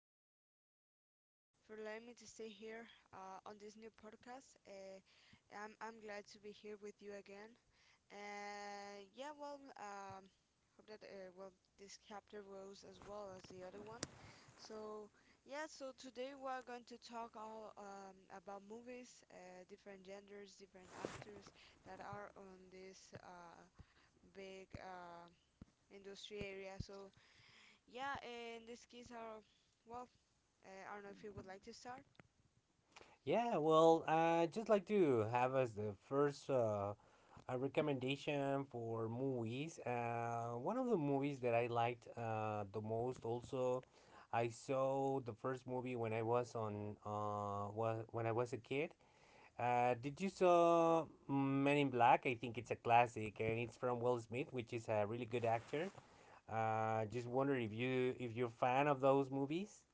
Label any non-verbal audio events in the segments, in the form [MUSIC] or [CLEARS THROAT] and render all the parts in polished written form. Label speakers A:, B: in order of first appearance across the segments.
A: the invitation and for allowing me to stay here on this new podcast. I'm glad to be here with you again. And yeah, hope that this chapter goes as well as the other one. So yeah, so today we're going to talk all about movies, different genders, different actors that are on this big industry area. So yeah, in this case, well, I don't know if you would like to start.
B: Yeah, well, I just like to have as the first a recommendation for movies. One of the movies that I liked the most also, I saw the first movie when I was on when I was a kid. Did you saw Men in Black? I think it's a classic, and it's from Will Smith, which is a really good actor. Just wonder if you if you're fan of those movies.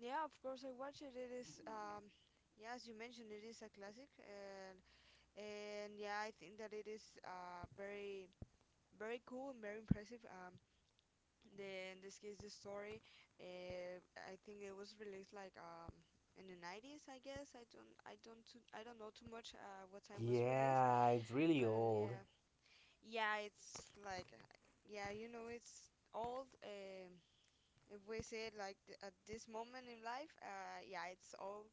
A: Yeah, of course I watch it. Yeah, as you mentioned, it is a classic, and yeah, I think that it is very very cool and very impressive. The In this case the story, I think it was released like in the 90s, I guess. I don't know too much what time was released,
B: Yeah, it's really
A: but
B: old.
A: yeah, yeah, it's like, yeah, you know, it's old. If we say it like at this moment in life, yeah, it's old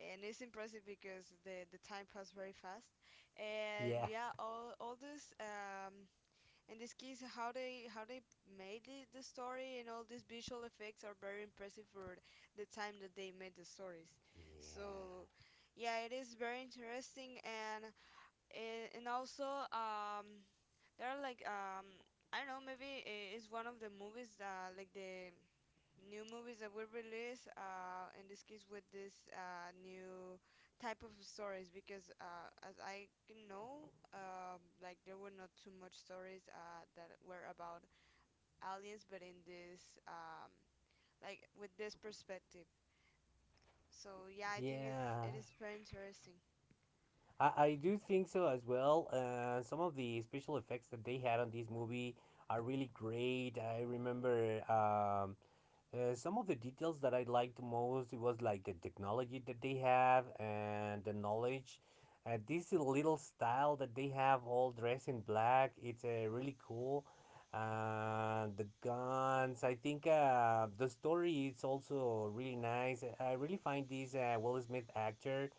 A: and it's impressive because the time passed very fast, and
B: Yeah.
A: yeah, all this in this case how they made the story, and all these visual effects are very impressive for the time that they made the stories.
B: Yeah.
A: So yeah, it is very interesting and also there are like I don't know, maybe it's one of the movies that like the new movies that were released, in this case with this new type of stories because as I can know like there were not too much stories that were about aliens but in this like with this perspective. So yeah, I think
B: Yeah.
A: it is very interesting.
B: I do think so as well. Some of the special effects that they had on this movie are really great. I remember some of the details that I liked most it was like the technology that they have and the knowledge. This little style that they have, all dressed in black, it's really cool. The guns, I think the story is also really nice. I really find this Will Smith actor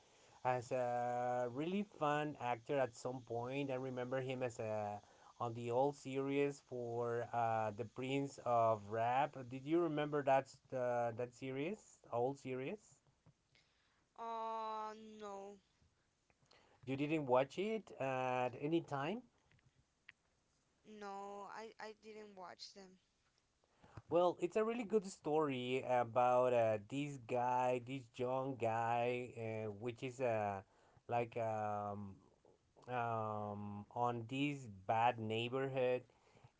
B: as a really fun actor at some point. I remember him as a on the old series for the Prince of Rap. Did you remember that that series, old series?
A: No,
B: You didn't watch it at any time?
A: no I didn't watch them.
B: Well, it's a really good story about this guy, this young guy, which is like um, on this bad neighborhood.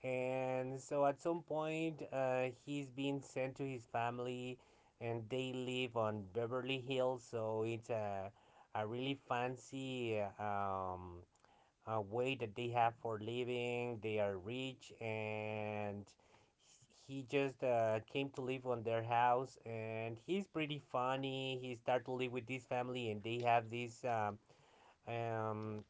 B: And so at some point, he's being sent to his family, and they live on Beverly Hills. So it's a really fancy a way that they have for living. They are rich, and he just came to live on their house. And he's pretty funny. He started to live with this family, and they have this um,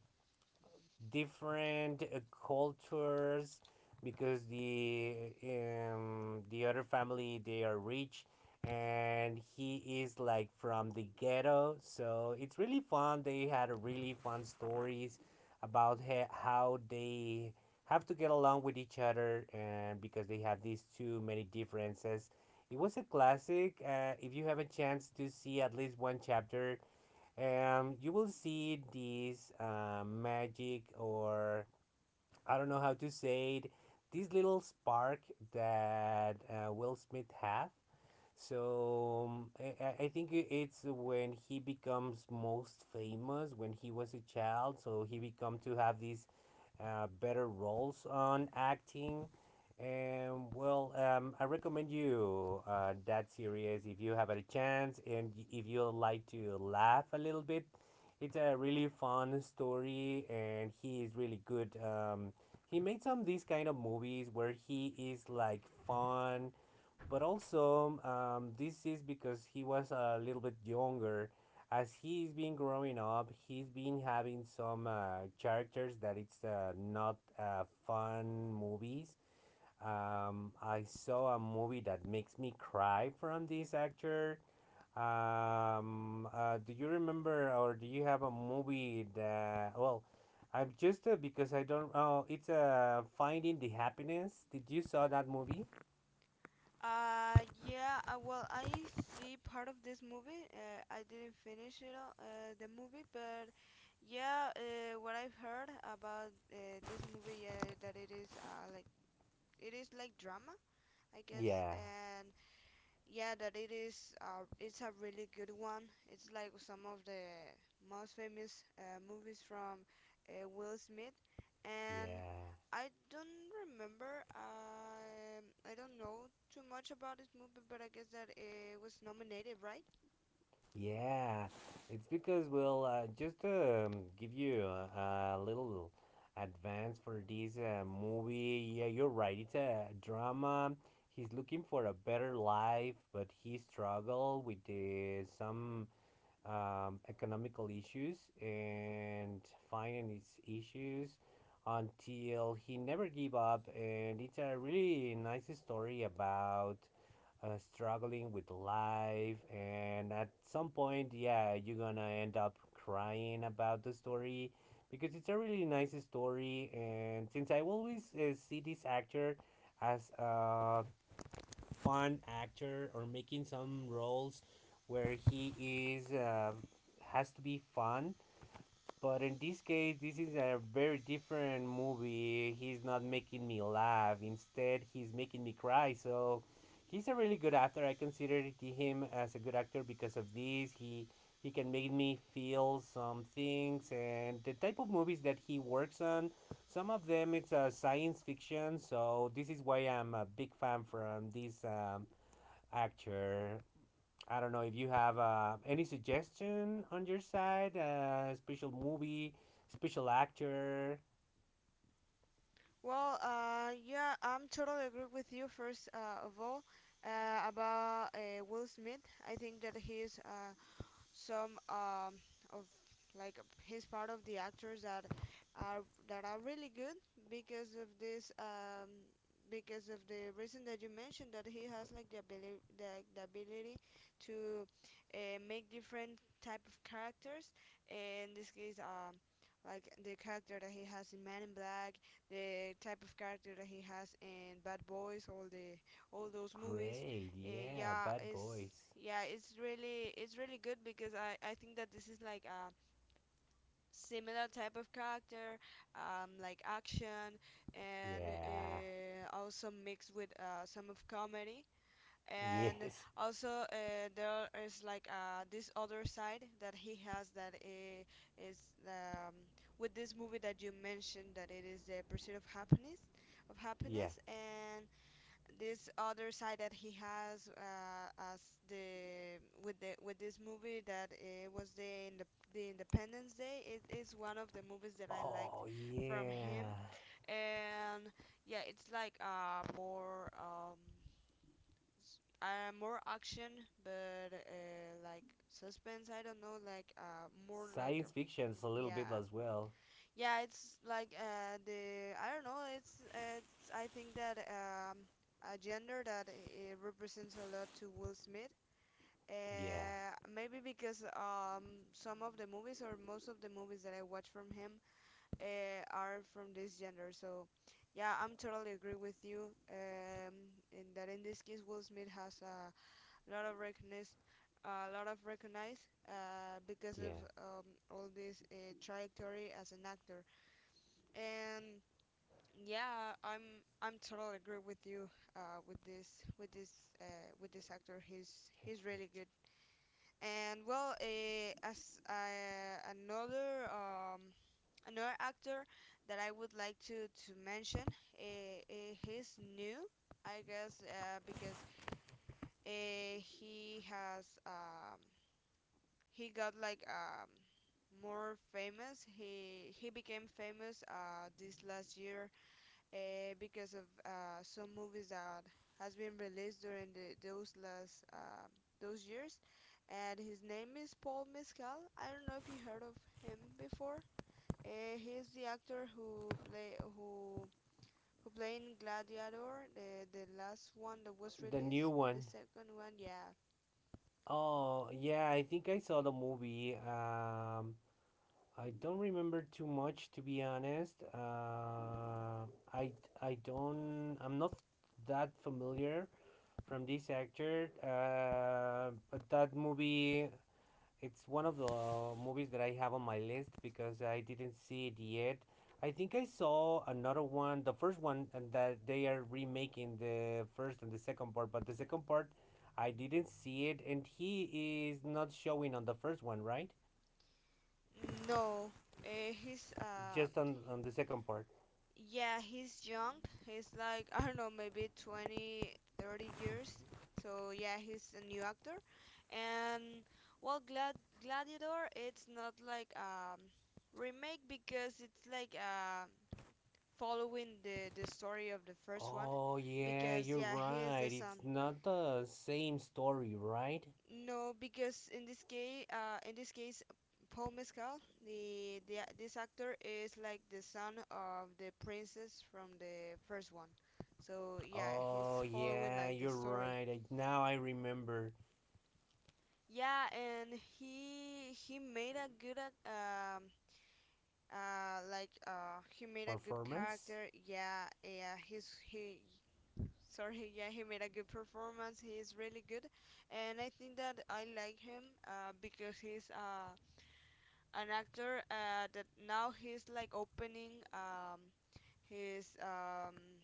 B: different cultures, because the other family they are rich and he is like from the ghetto, so it's really fun. They had a really fun stories about how they have to get along with each other, and because they have these too many differences, it was a classic. If you have a chance to see at least one chapter, you will see these magic, or, I don't know how to say it, this little spark that Will Smith have. So I think it's when he becomes most famous when he was a child. So he become to have this better roles on acting. And well, I recommend you that series if you have a chance and if you like to laugh a little bit. It's a really fun story, and he is really good. He made some of these kind of movies where he is like fun, but also, this is because he was a little bit younger. As he's been growing up, he's been having some characters that it's not fun movies. I saw a movie that makes me cry from this actor. Do you remember or do you have a movie that, well, I'm just because I don't, oh, it's Finding the Happiness. Did you saw that movie?
A: Yeah. I see part of this movie. I didn't finish it all, the movie, but yeah. What I've heard about this movie, yeah, that it is like it is like drama, I guess,
B: Yeah,
A: and yeah, that it is. It's a really good one. It's like some of the most famous movies from Will Smith, and
B: yeah.
A: I don't remember. I don't know too much about this movie, but I guess that it was nominated, right?
B: Yeah, it's because well, just give you a little advance for this movie. Yeah, you're right. It's a drama. He's looking for a better life, but he struggle with some economical issues and finance issues until he never give up. And it's a really nice story about struggling with life, and at some point yeah you're gonna end up crying about the story because it's a really nice story. And since I always see this actor as a fun actor or making some roles where he is, has to be fun, but in this case, this is a very different movie. He's not making me laugh. Instead, he's making me cry. So, he's a really good actor. I consider him as a good actor because of this. He can make me feel some things and the type of movies that he works on. Some of them it's science fiction. So this is why I'm a big fan from this actor. I don't know if you have any suggestion on your side, special movie, special actor.
A: Yeah, I'm totally agree with you. First of all, about Will Smith, I think that he is some of like he's part of the actors are that are really good because of this because of the reason that you mentioned that he has like the ability to make different type of characters in this case, like the character that he has in Man in Black, the type of character that he has in Bad Boys, all those movies.
B: Great,
A: Eh,
B: yeah,
A: yeah,
B: Bad
A: it's
B: Boys.
A: yeah, it's really good because I think that this is like a similar type of character, like action and
B: Yeah,
A: also mixed with some of comedy. And
B: yes,
A: also there is like this other side that he has that is um, with this movie that you mentioned, that it is the pursuit of happiness
B: yeah.
A: and this other side that he has as the with this movie that it was the Independence Day. It is one of the movies that I liked
B: Oh,
A: from him.
B: yeah.
A: And yeah, it's like more action but like suspense, I don't know, like more like
B: Science
A: a,
B: fiction's a little bit
A: yeah,
B: as well.
A: yeah, it's like the I don't know. It's I think that a gender that it represents a lot to Will Smith.
B: Yeah,
A: Maybe because some of the movies or most of the movies that I watch from him are from this gender. So yeah, I'm totally agree with you. In this case, Will Smith has lot of recognize, a lot of recognize because of
B: yeah.
A: all this trajectory as an actor, and yeah, I'm totally agree with you uh, with this with this uh, with this actor. He's
B: Actually,
A: really good. And well, as another actor that I would like to mention, he's new, I guess, because he has he got like more famous. He became famous this last year because of some movies that has been released during those last those years. And his name is Paul Mescal. I don't know if you heard of him before. He's the actor who played in Gladiator, the last one that was
B: the new
A: released. The
B: one.
A: second one, yeah.
B: Oh, yeah, I think I saw the movie. I don't remember too much, to be honest. I don't. I'm not that familiar from this actor. But that movie, it's one of the movies that I have on my list because I didn't see it yet. I think I saw another one, the first one, and that they are remaking the first and the second part. But the second part, I didn't see it, and he is not showing on the first one, right?
A: No, he's
B: Just on the second part.
A: Yeah, he's young. He's like, I don't know, maybe 20, 30 years. So yeah, he's a new actor. And well, Gladiator, it's not like a remake because it's like following the story of the first one
B: Oh, yeah,
A: because
B: you're
A: yeah, he is
B: right.
A: the
B: It's
A: son.
B: not the same story, right?
A: No, because in this case, Paul Mescal, this actor is like the son of the princess from the first one. So yeah,
B: Oh,
A: he's following
B: yeah,
A: like the
B: you're
A: story.
B: right. Now I remember.
A: Yeah, and he made a good ac- like he made a good
B: Performance?
A: character. Yeah, yeah, he's he sorry, [LAUGHS] yeah, he made a good performance. He's really good. And I think that I like him because he's an actor that now he's like opening his um,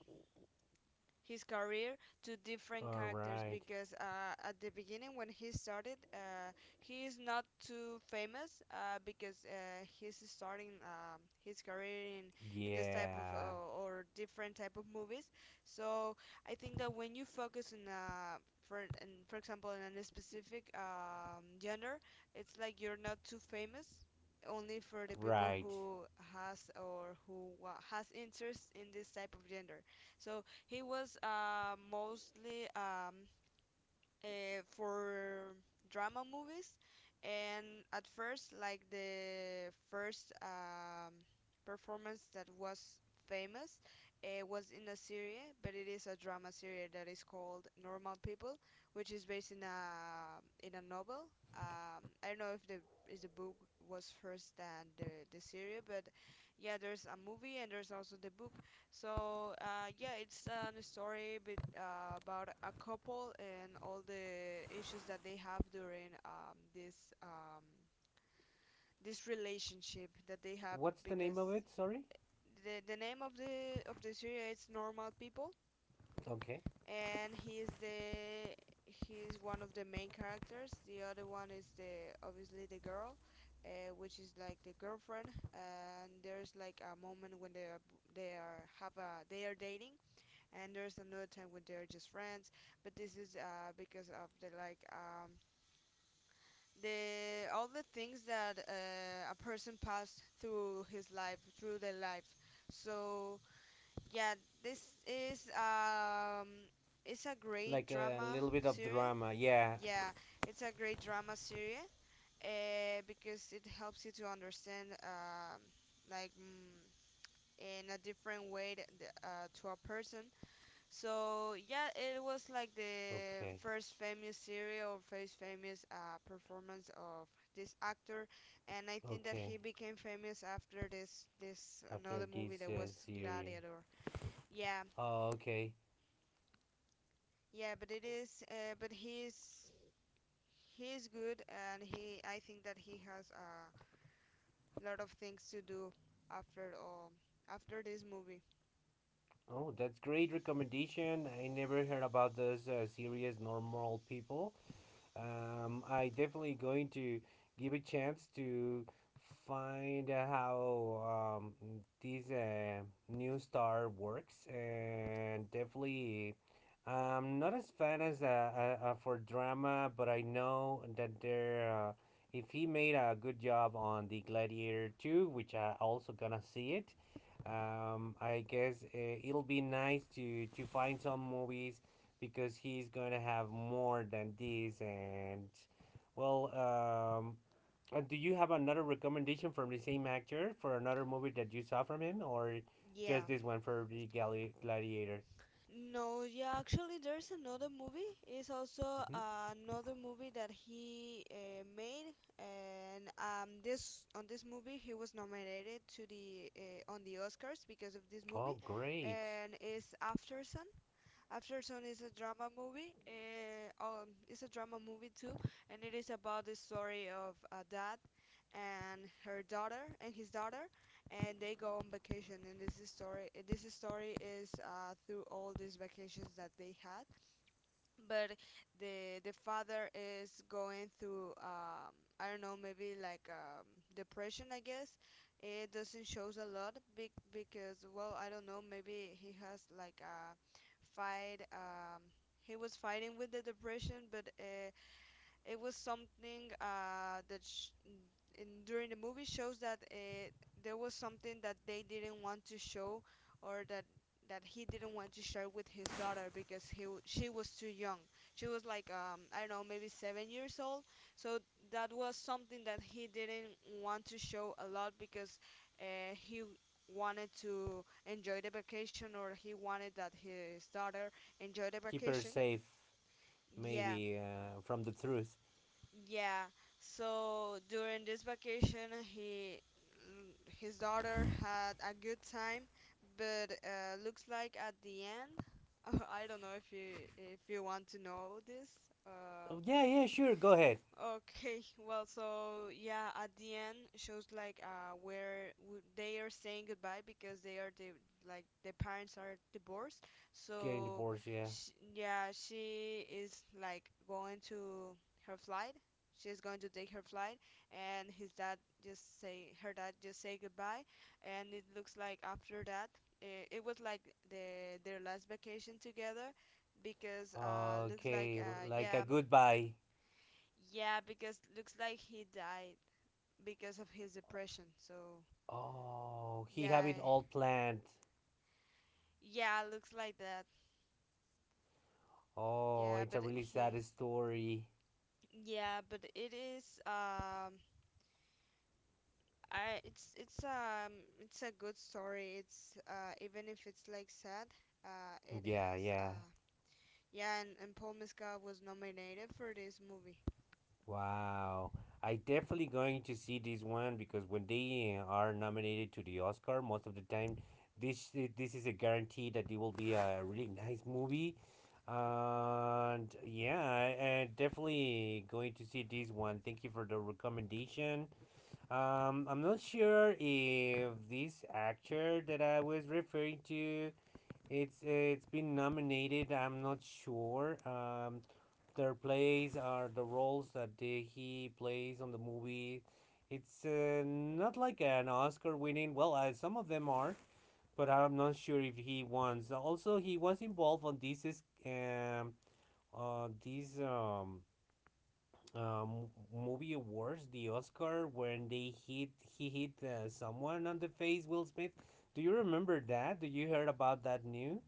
A: his career to different characters
B: Alright.
A: because at the beginning when he started, he is not too famous because he's starting his career in this type of
B: Yeah,
A: or different type of movies. So I think that when you focus in, for example in a specific, gender, it's like you're not too famous only for the people
B: right.
A: who has or who wa- has interest in this type of gender. So he was mostly for drama movies, and at first, like the first performance that was famous was in a series, but it is a drama series that is called Normal People, which is based in a novel. I don't know if the book was first than the series, but yeah, there's a movie and there's also the book. So yeah, it's a story bit, about a couple and all the issues that they have during this relationship that they have
B: What's the name
A: because
B: of it? Sorry?
A: the name of the series is Normal People,
B: Okay.
A: and he is the he's one of the main characters. The other one is the obviously the girl, which is like the girlfriend. And there's like a moment when they are dating, and there's another time when they're just friends, but this is because of the like the all the things that a person passed through their life. So yeah, this is it's a great
B: Like a
A: drama
B: little bit of
A: series
B: drama. Yeah.
A: yeah it's a great drama series because it helps you to understand like mm, in a different way to a person. So yeah, it was like the
B: Okay.
A: first famous serial or first famous performance of this actor, and I think that
B: Okay.
A: he became famous after this
B: After
A: another
B: this
A: movie that was
B: series.
A: Gladiator. Yeah,
B: Oh, okay.
A: yeah, but it is, but he's good, and he, I think that he has a lot of things to do after after this movie.
B: Oh, that's great recommendation. I never heard about this series, Normal People. I definitely going to give a chance to find how this new star works, and definitely I'm not as fan as for drama, but I know that there. If he made a good job on the Gladiator 2, which I also gonna see it, I guess it'll be nice to find some movies because he's going to have more than these. And well, do you have another recommendation from the same actor for another movie that you saw from him, or
A: Yeah,
B: just this one for the Gladiator?
A: no, yeah, actually, there's another movie. It's also
B: Hmm.
A: another movie that he made, and this on this movie he was nominated to the, on the Oscars because of this
B: Oh,
A: movie,
B: great!
A: and it's After Sun. Aftersun is a drama movie. It's a drama movie too, and it is about the story of a dad and her daughter and his daughter, and they go on vacation. And this is story. This story is, through all these vacations that they had, but the father is going through, I don't know, maybe like depression, I guess. It doesn't shows a lot big because, well, I don't know, maybe he has like a fight. He was fighting with the depression, but it was something in, during the movie shows there was something that they didn't want to show, or that he didn't want to share with his daughter because she was too young. She was like, I don't know, maybe 7 years old. So that was something that he didn't want to show a lot because he wanted to enjoy the vacation, or he wanted that his daughter enjoy the
B: Keep her
A: vacation.
B: safe,
A: Yeah,
B: maybe from the truth.
A: yeah. So during this vacation, he his daughter had a good time, but looks like at the end, [LAUGHS] I don't know if you want to know this. Uh,
B: Oh, yeah, yeah, sure. Go ahead.
A: Okay, well, so yeah, at the end shows like they are saying goodbye because they are the like the parents are divorced.
B: Getting
A: So
B: divorced. Yeah.
A: sh yeah, she is like going to her flight. She's going to take her flight, and his dad just say her dad just say goodbye, and it looks like after that it was like their last vacation together because looks like
B: Okay, like a
A: yeah,
B: goodbye.
A: yeah, because looks like he died because of his depression. So
B: Oh, he have it
A: yeah,
B: all planned.
A: yeah, looks like that.
B: Oh,
A: Yeah,
B: it's a
A: but
B: really sad story.
A: yeah, but it is I it's it's a good story. It's even if it's like sad, it
B: Yeah,
A: has
B: yeah.
A: yeah. And Paul Mescal was nominated for this movie.
B: Wow. I definitely going to see this one because when they are nominated to the Oscar, most of the time, this is a guarantee that it will be a really nice movie. And yeah, I definitely going to see this one. Thank you for the recommendation. I'm not sure if this actor that I was referring to, it's been nominated. I'm not sure. Their plays are the roles that they, he plays on the movie. It's not like an Oscar winning. Well, some of them are, but I'm not sure if he wants. Also, he was involved on this is these um movie awards, the Oscar, when they hit he hit someone on the face, Will Smith. Do you remember that? Do you heard about that news?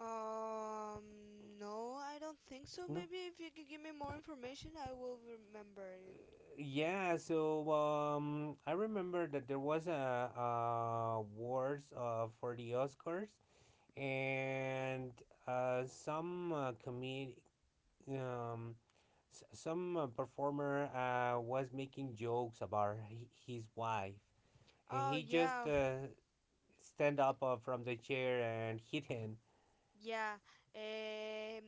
A: Um, no, I don't think so.
B: No.
A: Maybe if you could give me more information, I will remember it.
B: Yeah, so I remember that there was awards for the Oscars, and some comedian, um, some performer was making jokes about his wife, and
A: Oh
B: he just
A: yeah.
B: stand up from the chair and hit him.
A: Yeah. Um,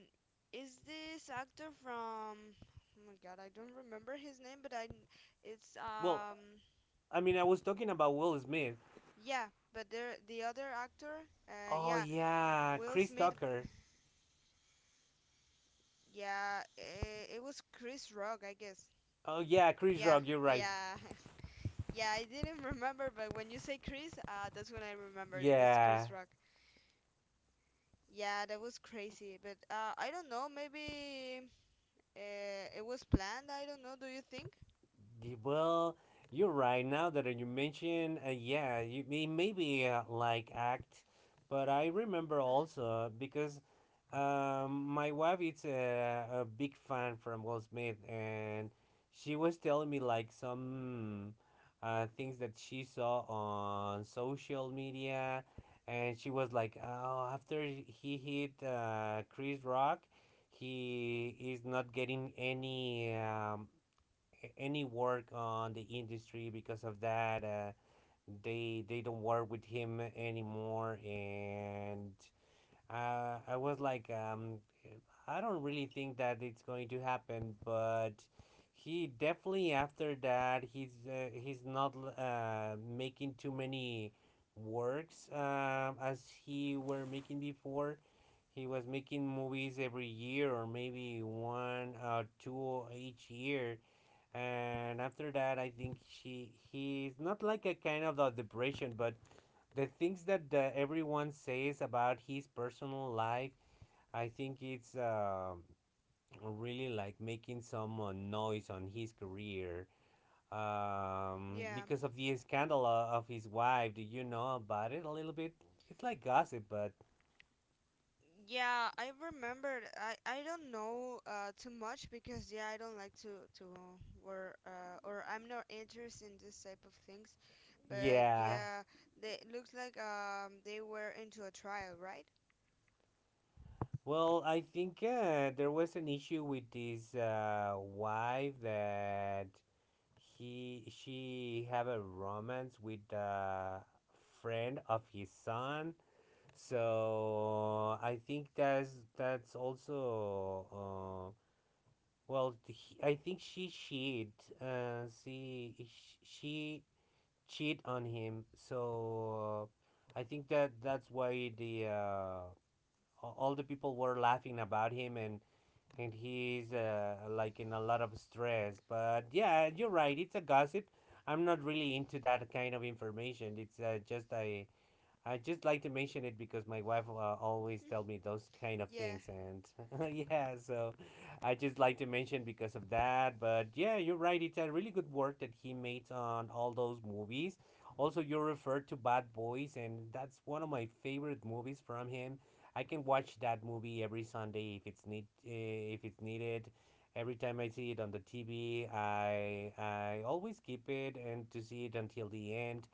A: is this actor from? Oh my God, I don't remember his name, but it's
B: Well,
A: um.
B: I mean, I was talking about Will Smith.
A: Yeah, but there the other actor.
B: Oh
A: Yeah,
B: yeah,
A: Will
B: Chris
A: Smith.
B: Tucker.
A: Yeah, it was Chris Rock, I guess.
B: Oh yeah, Chris
A: Yeah,
B: Rock. You're right.
A: yeah, [LAUGHS] yeah. I didn't [LAUGHS] remember, but when you say Chris, that's when I remembered. It was
B: Yeah.
A: Chris Rock. Yeah, that was crazy. But I don't know. Maybe it was planned. I don't know. Do you think?
B: Well, you're right. Now that you mention, yeah, you it may maybe like act, but I remember
A: [SIGHS] Uh,
B: also because my wife is a big fan from Will Smith, and she was telling me like some things that she saw on social media, and she was like, "Oh, after he hit Chris Rock, he is not getting any any work on the industry because of that. They don't work with him anymore, and I was like, I don't really think that it's going to happen, but he definitely after that he's not making too many works as he were making before. He was making movies every year or maybe one or two each year, and after that I think she he's not like a kind of the depression, but the things that everyone says about his personal life, I think it's really like making some noise on his career,
A: yeah.
B: because of the scandal of his wife. Do you know about it a little bit? It's like gossip, but
A: Yeah, I remember. I don't know too much because yeah, I don't like to or I'm not interested in this type of things. But
B: yeah.
A: yeah, they it looks like they were into a trial, right?
B: Well, I think there was an issue with his wife, that he she have a romance with a friend of his son. So I think that's also well I think she cheat, see she cheat on him. So I think that that's why the all the people were laughing about him, and he's like in a lot of stress. But yeah, you're right. It's a gossip. I'm not really into that kind of information. It's just a I just like to mention it because my wife always tell me those kind of
A: Yeah,
B: things, and [LAUGHS] yeah, so I just like to mention because of that. But yeah, you're right. It's a really good work that he made on all those movies. Also, you referred to Bad Boys, and that's one of my favorite movies from him. I can watch that movie every Sunday if if it's needed. Every time I see it on the TV, I always keep it and to see it until the end.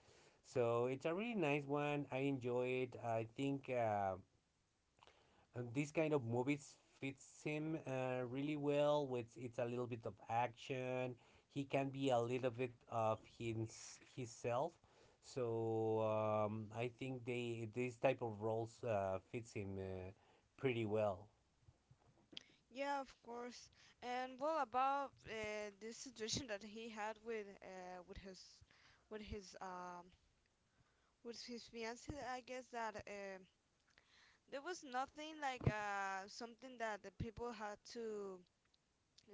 B: So it's a really nice one. I enjoy it. I think this kind of movies fits him really well. With it's a little bit of action. He can be a little bit of his himself. So I think they this type of roles fits him pretty well.
A: yeah, of course. And what about this situation [LAUGHS] that he had with with his um his fiance? I guess that there was nothing like something that the people had to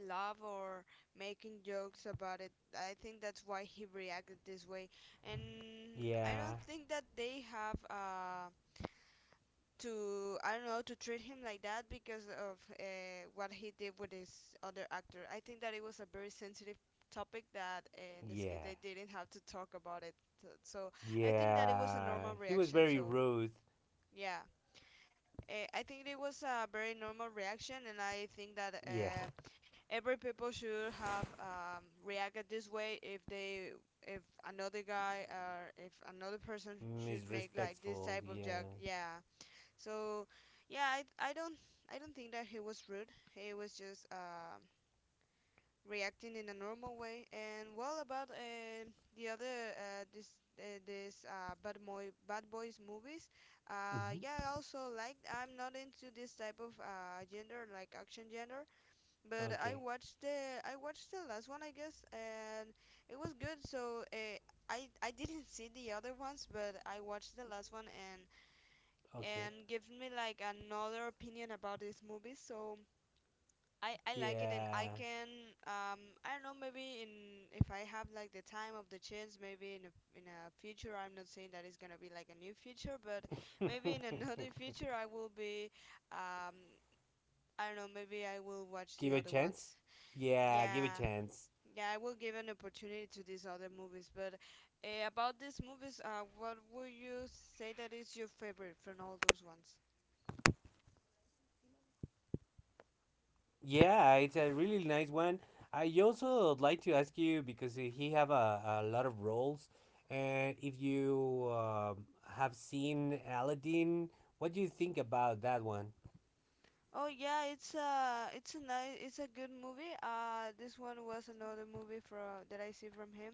A: laugh or making jokes about it. I think that's why he reacted this way. And I don't
B: Yeah,
A: think that they have to, I don't know, to treat him like that because of what he did with his other actor. I think that it was a very sensitive topic that in this case
B: yeah,
A: they didn't have to talk about it. So I think that it was a
B: yeah.
A: normal
B: He was
A: reaction.
B: very
A: So
B: rude.
A: yeah I think it was a very normal reaction, and I think that
B: Yeah,
A: every people should have reacted this way if another guy or if another person
B: [LAUGHS]
A: should make like this
B: disrespectful.
A: type of joke.
B: Yeah.
A: Yeah. So yeah, I don't I don't think that he was rude. He was just reacting in a normal way. And well, about the other this this bad boy bad boys movies. Yeah,
B: Hmm.
A: I also like. I'm not into this type of gender, like action gender, but
B: Okay,
A: I watched the last one, I guess, and it was good. So I didn't see the other ones, but I watched the last one and
B: okay.
A: gives me like another opinion about these movies. So I like it, and I
B: Yeah.
A: can I don't know, maybe in if I have like the time of the chance, maybe in a future. I'm not saying that it's gonna be like a new future, but maybe in [LAUGHS]
B: [LAUGHS]
A: another future I will be um I don't know, maybe I will watch the
B: give a
A: other
B: chance.
A: ones.
B: Yeah, give a
A: Yeah,
B: chance.
A: yeah, I will give an opportunity to these other movies. But about these movies, what would you say that is your favorite from all those ones?
B: Yeah, it's a really nice one. I also would like to ask you because he have a lot of roles, and if you have seen Aladdin, what do you think about that one?
A: Oh yeah, it's a good movie. This one was another movie from that I see from him,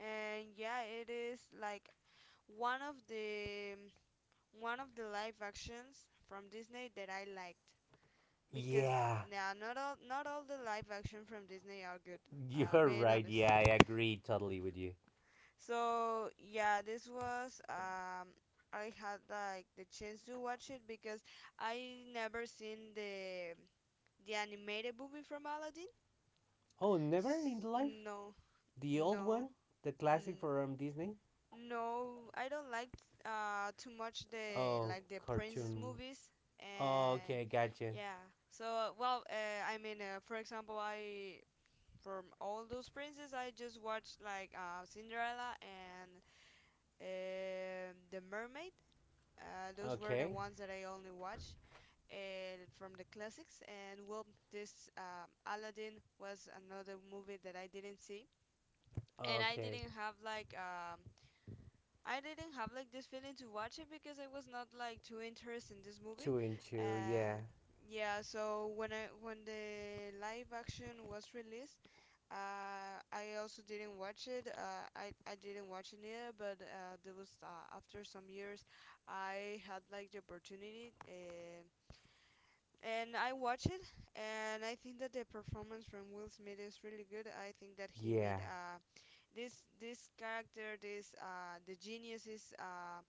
A: and yeah, it is like one of the one of the live actions from Disney that I liked because
B: Yeah,
A: now not all not all the live action from Disney are good.
B: [LAUGHS] you're
A: Being
B: right.
A: honest.
B: Yeah, I agree totally with you.
A: So yeah, this was I had like the chance to watch it because I never seen the animated movie from Aladdin.
B: Oh, never in
A: S-
B: the life?
A: No,
B: The old
A: no,
B: one? The classic
A: n-
B: from Disney?
A: no. I don't like too much the
B: Oh,
A: like the princess
B: cartoon.
A: movies
B: Oh,
A: and
B: okay, gotcha.
A: yeah. So I mean, for example, I from all those princes, I just watched like Cinderella and the Mermaid. Those were the
B: Okay.
A: ones that I only watched from the classics. And well, this Aladdin was another movie that I didn't see, and
B: Okay.
A: I didn't have like this feeling to watch it because I was not like too interested in this movie.
B: Two and two. Yeah.
A: Uh, yeah, so when the live action was released, I also didn't watch it. I didn't watch it either, but there was after some years, I had like the opportunity. And I watched it, and I think that the performance from Will Smith is really good. I think that he
B: Yeah.
A: made a this character. This the genius is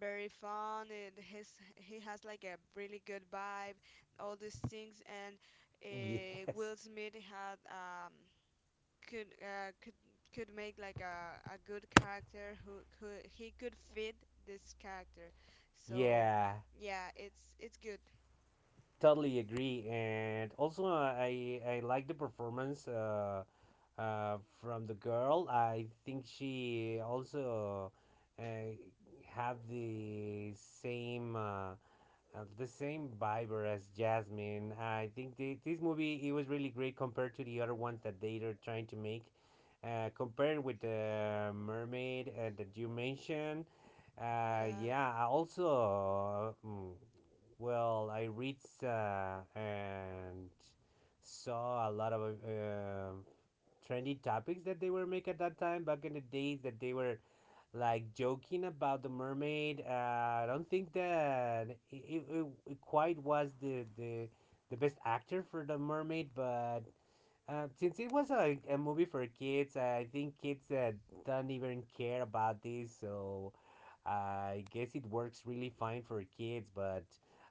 A: very fun. It has he has like a really good vibe, all these things. And
B: Yes.
A: Will Smith had could uh, could could make like a good character who he could fit this character. So
B: Yeah.
A: yeah, it's good.
B: Totally agree. And also, I like the performance from the girl. I think she also uh, have the same vibe as Jasmine. I think this movie it was really great compared to the other ones that they are trying to make. Compared with the mermaid that you mentioned,
A: Yeah,
B: yeah. I also, well, I read and saw a lot of uh, trendy topics that they were make at that time back in the days that they were like joking about the mermaid. I don't think that quite was the best actor for the mermaid, but since it was a movie for kids, I think kids don't even care about this. So I guess it works really fine for kids, but.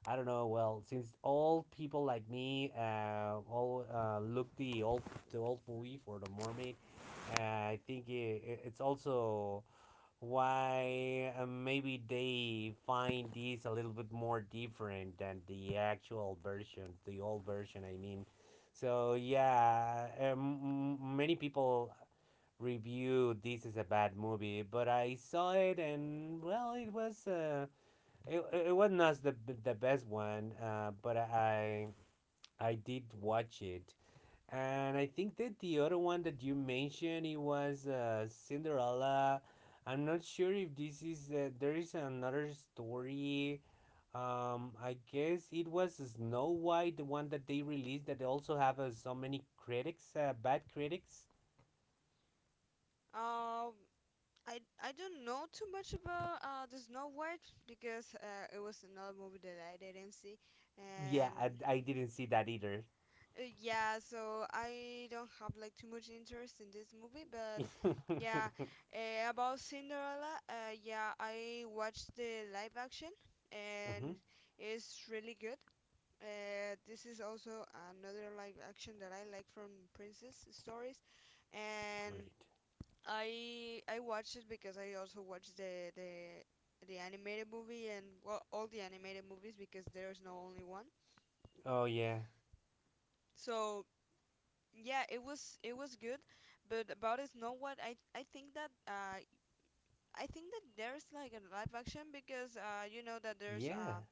B: I don't know. Well, since all people like me all look the old movie for the mermaid, I think it's also why maybe they find this a little bit more different than the actual version, the old version, I mean. So, yeah, many people review this as a bad movie, but I saw it and, well, it was. It was not the best one, but I did watch it, and I think that the other one that you mentioned it was Cinderella. I'm not sure if this is there is another story. I guess it was Snow White, the one that they released that also have so many critics, bad critics.
A: um, I don't know too much about the Snow White because it was another movie that I didn't see,
B: Yeah,
A: and
B: I didn't see that either.
A: yeah, so I don't have like too much interest in this movie. But
B: [LAUGHS]
A: yeah,
B: mm-hmm.
A: about Cinderella, yeah, I watched the live action, and it's really good. This is also another live action that I like from Princess stories, and
B: Great.
A: I watched it because I also watched the animated movie, and well, all the animated movies because there's no only one.
B: Oh yeah.
A: So yeah, it was good, but about it, know what, I think that there's like a live action because you know that there's
B: Yeah.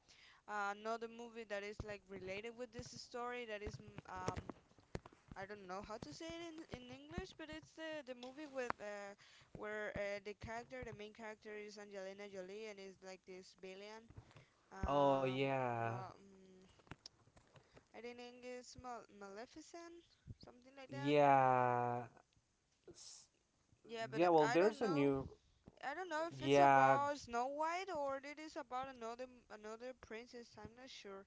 A: another movie that is like related with this story that is mm, I don't know how to say it in English, but it's the movie with where the character, the main character, is Angelina Jolie and is like this villain.
B: Oh
A: Um,
B: yeah.
A: mm, I think it's Maleficent, something like that.
B: Yeah. S-
A: Yeah, but
B: yeah. Well,
A: I
B: there's
A: don't
B: a
A: know.
B: new.
A: I don't know if it's
B: Yeah,
A: about Snow White or it is about another another princess. I'm not sure.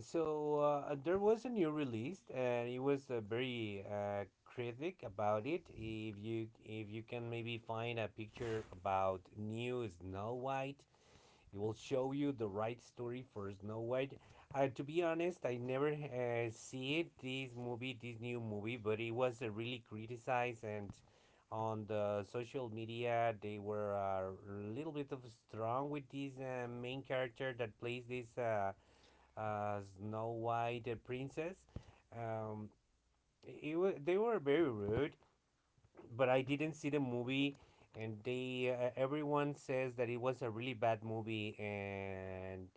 B: so there was a new release, and it was very critic about it. If you can maybe find a picture about new Snow White, it will show you the right story for Snow White. To be honest, I never see it this movie, this new movie, but it was really criticized, and on the social media they were a little bit of strong with this main character that plays this. Snow White, the princess. Um, it was they were very rude, but I didn't see the movie, and they everyone says that it was a really bad movie, and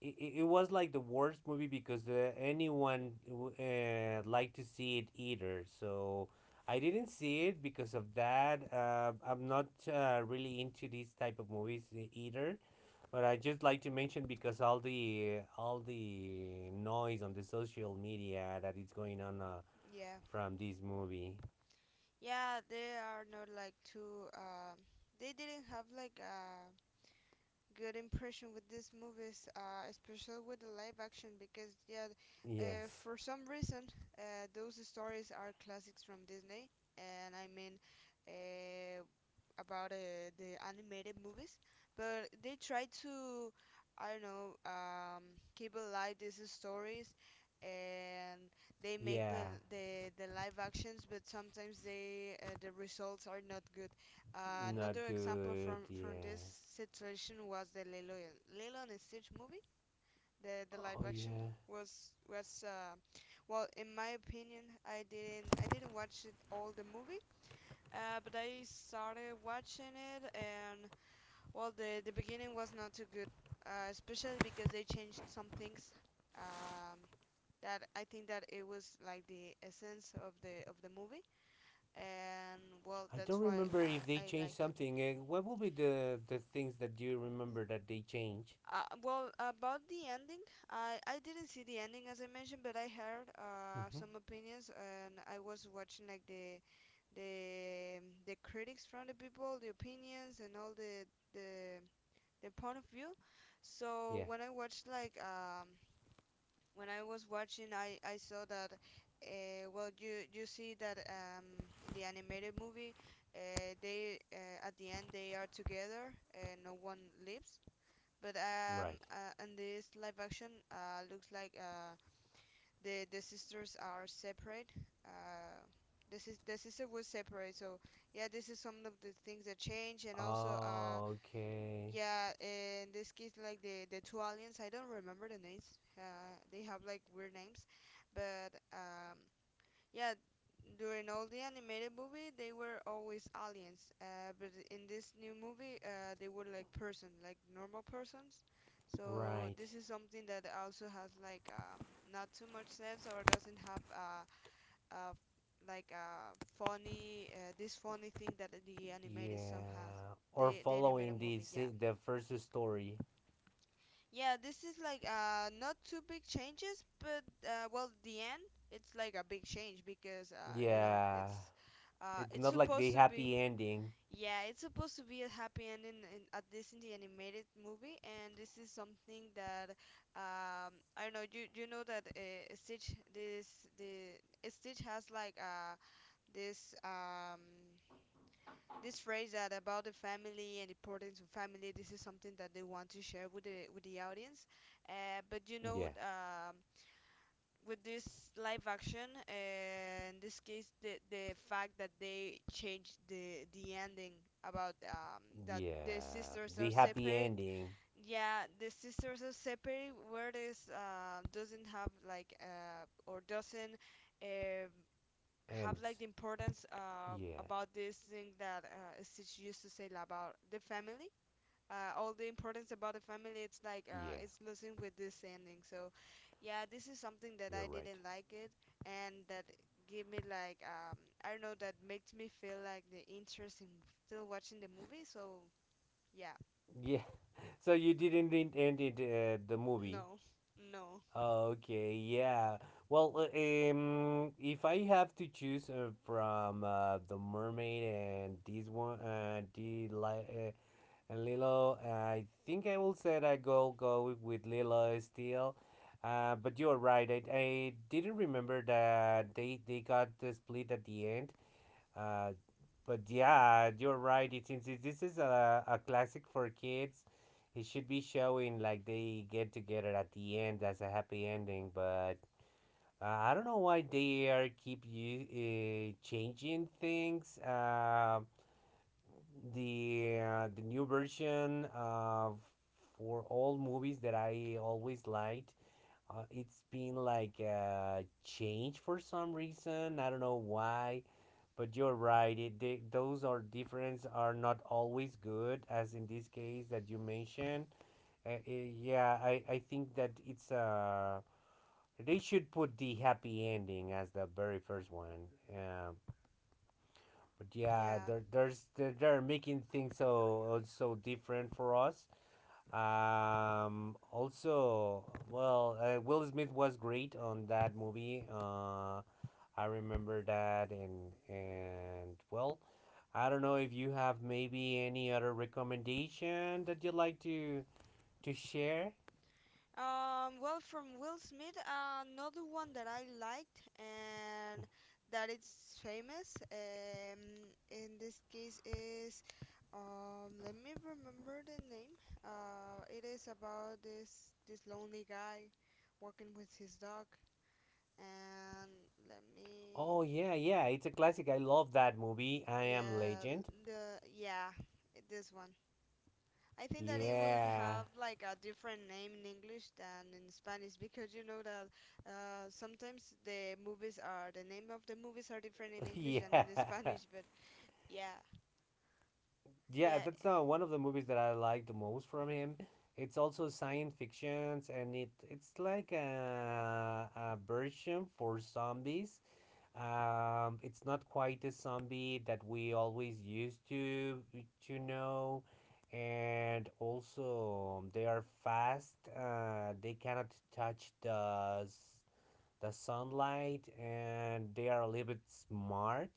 B: it was like the worst movie because anyone liked to see it either. So. I didn't see it because of that. I'm not really into these type of movies either. But I just like to mention because all the noise on the social media that is going on
A: Yeah,
B: from this movie.
A: yeah, they are not like two. They didn't have like a good impression with this movie is especially with the live action because yeah
B: Yes.
A: for some reason those stories are classics from Disney, and I mean uh, about the animated movies, but they try to, I don't know, keep alive these stories, and they make
B: Yeah.
A: the live actions, but sometimes they the results are not good.
B: Not
A: Another example
B: good.
A: from this
B: Yeah.
A: situation was the Lilo and Stitch movie. The
B: Oh
A: live action
B: yeah.
A: was well, in my opinion, I didn't watch it all the movie, but I started watching it, and well, the beginning was not too good, especially because they changed some things. Um, that I think that it was like the essence of the movie, and well,
B: I don't
A: that's why
B: remember if they
A: I
B: changed
A: like it.
B: something. What will be the things that you remember that they change?
A: Well, about the ending, I didn't see the ending as I mentioned, but I heard
B: Mm-hmm.
A: some opinions, and I was watching like the the critics from the people, the opinions, and all the their point of view. So
B: Yeah.
A: when I watched like when I was watching, I saw that well, you see that in the animated movie, they at the end they are together and no one lives. But
B: Right.
A: in this live action, looks like the sisters are separate. Uh, the sister was separate, so yeah, this is some of the things that change. And also
B: Okay.
A: yeah, in this case, like the two aliens, I don't remember the names. They have like weird names, but yeah, during all the animated movie, they were always aliens. But in this new movie, they were like person, like normal persons. So
B: Right.
A: this is something that also has like not too much sense, or doesn't have uh like a funny this funny thing that the animated song has.
B: Yeah. Or
A: The animated
B: following
A: movie, yeah.
B: the first story.
A: Yeah, this is like not too big changes, but well, the end it's like a big change because
B: Yeah. It's
A: it's
B: not like the
A: supposed to be
B: happy ending.
A: yeah, it's supposed to be a happy ending in at least in the animated movie, and this is something that I don't know, you know that Stitch this the Stitch has like this this phrase that about the family and importance of family. This is something that they want to share with the audience, uh, but you know
B: Yeah,
A: um, with this live action, in this case the fact that they changed the ending about that the
B: yeah,
A: sisters are
B: the happy
A: separate,
B: ending,
A: yeah, the sisters are separate where this doesn't have like or doesn't um have
B: and
A: like the importance
B: yeah,
A: about this thing that Stitch used to say about the family. All the importance about the family, it's like
B: yeah,
A: it's losing with this ending. So, yeah, this is something that
B: you're
A: I
B: right.
A: didn't like it, and that give me like I don't know, that makes me feel like the interest in still watching the movie. So yeah,
B: Yeah, [LAUGHS] so you didn't end it, the movie.
A: no, [LAUGHS] no,
B: Okay, yeah. Well, if I have to choose from the mermaid and this one, and Lilo, I think I will say I go with Lilo still. But you're right. I didn't remember that they got the split at the end. Uh, but yeah, you're right. It since this is a classic for kids, it should be showing like they get together at the end as a happy ending. But I don't know why they are keep you changing things. The the new version of for all movies that I always liked. It's been like a change for some reason. I don't know why, but you're right. Those are difference are not always good, as in this case that you mentioned. Uh, uh, yeah, I think that it's they should put the happy ending as the very first one. But yeah,
A: yeah.
B: they're making things so so different for us. Also, well, Will Smith was great on that movie. I remember that, and well, I don't know if you have maybe any other recommendation that you'd like to share.
A: Well, from Will Smith, another one that I liked and that it's famous. In this case is, let me remember the name. It is about this lonely guy working with his dog, and let
B: Oh
A: me,
B: yeah, yeah, it's a classic. I love that movie. I Am
A: yeah,
B: Legend.
A: the yeah, this one. I think that it will
B: Yeah,
A: have like a different name in English than in Spanish because you know that sometimes the name of the movies are different in
B: [LAUGHS]
A: English than
B: yeah.
A: in [LAUGHS] Spanish. But yeah,
B: Yeah,
A: yeah.
B: that's one of the movies that I like the most from him. It's also science fictions, and it's like a version for zombies. It's not quite a zombie that we always used to know, and also they are fast. They cannot touch the sunlight, and they are a little bit smart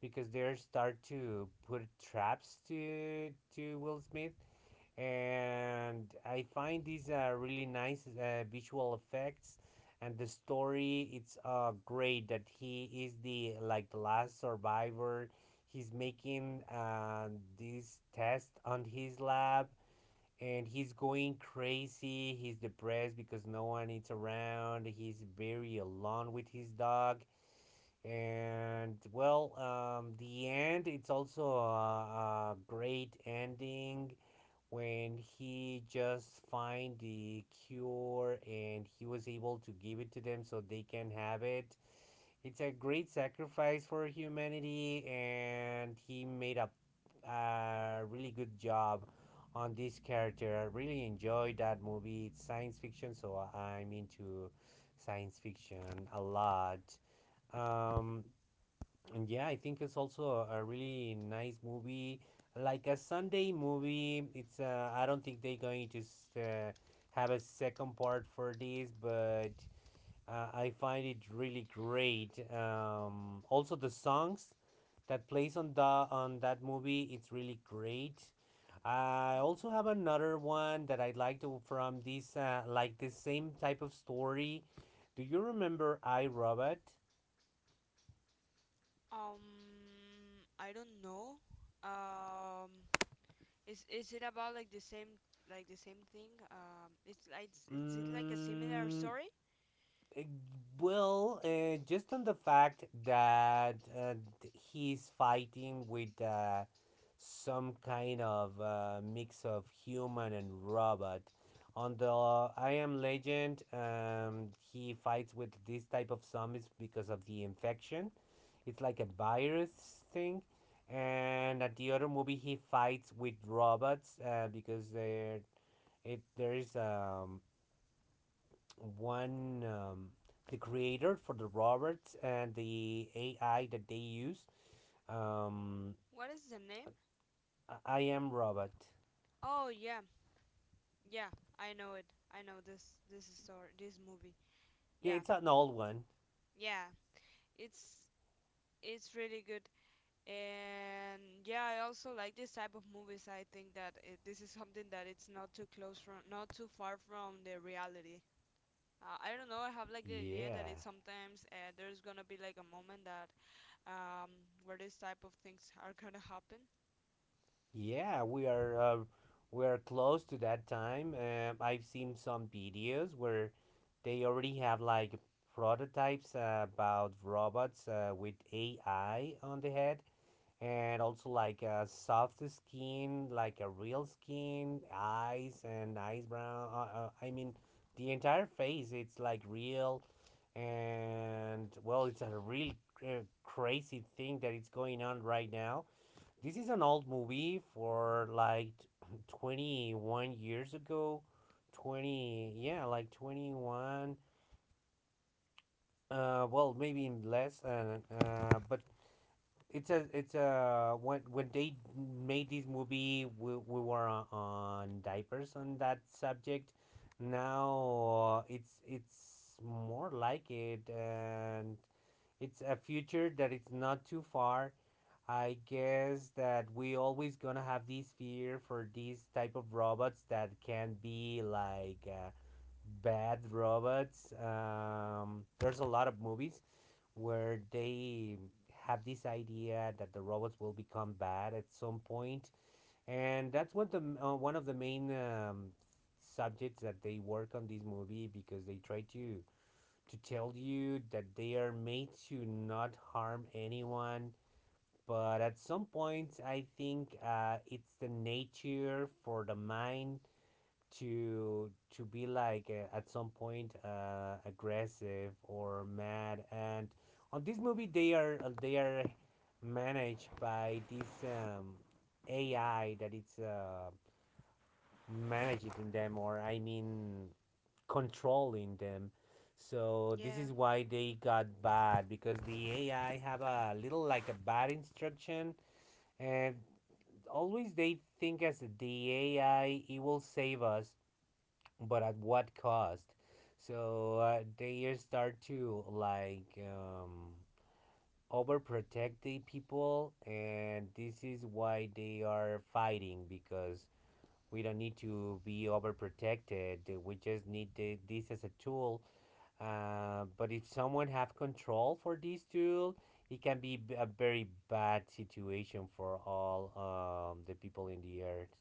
B: because they start to put traps to Will Smith. And I find these are really nice visual effects, and the story it's great that he is the like the last survivor. He's making this test on his lab, and he's going crazy. He's depressed because no one is around. He's very alone with his dog. And well, the end. It's also a great ending when he just find the cure, and he was able to give it to them so they can have it. It's a great sacrifice for humanity, and he made a really good job on this character. I really enjoyed that movie. It's science fiction, so I'm into science fiction a lot. um and yeah, I think it's also a really nice movie, like a Sunday movie. It's I don't think they're going to have a second part for this, but I find it really great. Also the songs that plays on the on that movie, it's really great. I also have another one that I like to from this like the same type of story. Do you remember I Robot?
A: Um, I don't know. Um, is it about like the same thing? It's like, is it like a similar
B: Mm,
A: story?
B: Uh, Well, just on the fact that he's fighting with some kind of mix of human and robot. On the I Am Legend, he fights with this type of zombies because of the infection. It's like a virus thing. And at the other movie, he fights with robots because there is one the creator for the robots and the AI that they use. Um,
A: What is the name?
B: I am robot.
A: Oh yeah, yeah. I know it. I know this story. This movie.
B: Yeah,
A: Yeah,
B: it's an old one.
A: yeah. It's it's really good, and yeah, I also like this type of movies. I think that it, this is something that it's not too close from, not too far from the reality. I don't know, I have like the idea that
B: Yeah,
A: it sometimes, there's gonna be like a moment that, um where this type of things are gonna happen,
B: yeah, we are uh, we are close to that time. I've seen some videos where they already have like prototypes about robots with AI on the head, and also like a soft skin, like a real skin, eyes and eyes brown. I mean, the entire face. It's like real, and well, it's a real crazy thing that it's going on right now. This is an old movie for like [CLEARS THROAT] 21 years ago, twenty yeah, like twenty one. Well, maybe less. But it's a when they made this movie, we were on diapers on that subject now. It's more like it, and it's a future that it's not too far. I guess that we always gonna have this fear for these type of robots that can be like bad robots. There's a lot of movies where they have this idea that the robots will become bad at some point, and that's one of the main subjects that they work on this movie because they try to tell you that they are made to not harm anyone. But at some points, I think it's the nature for the mind to to be like at some point aggressive or mad. And on this movie they are managed by this AI that it's managing them, or I mean controlling them. So this
A: yeah.
B: is why they got bad, because the AI have a little like a bad instruction, and always they think as the AI it will save us. But at what cost? So they start to like overprotect the people, and this is why they are fighting, because we don't need to be overprotected. We just need this as a tool. But if someone have control for this tool, it can be a very bad situation for all the people in the earth.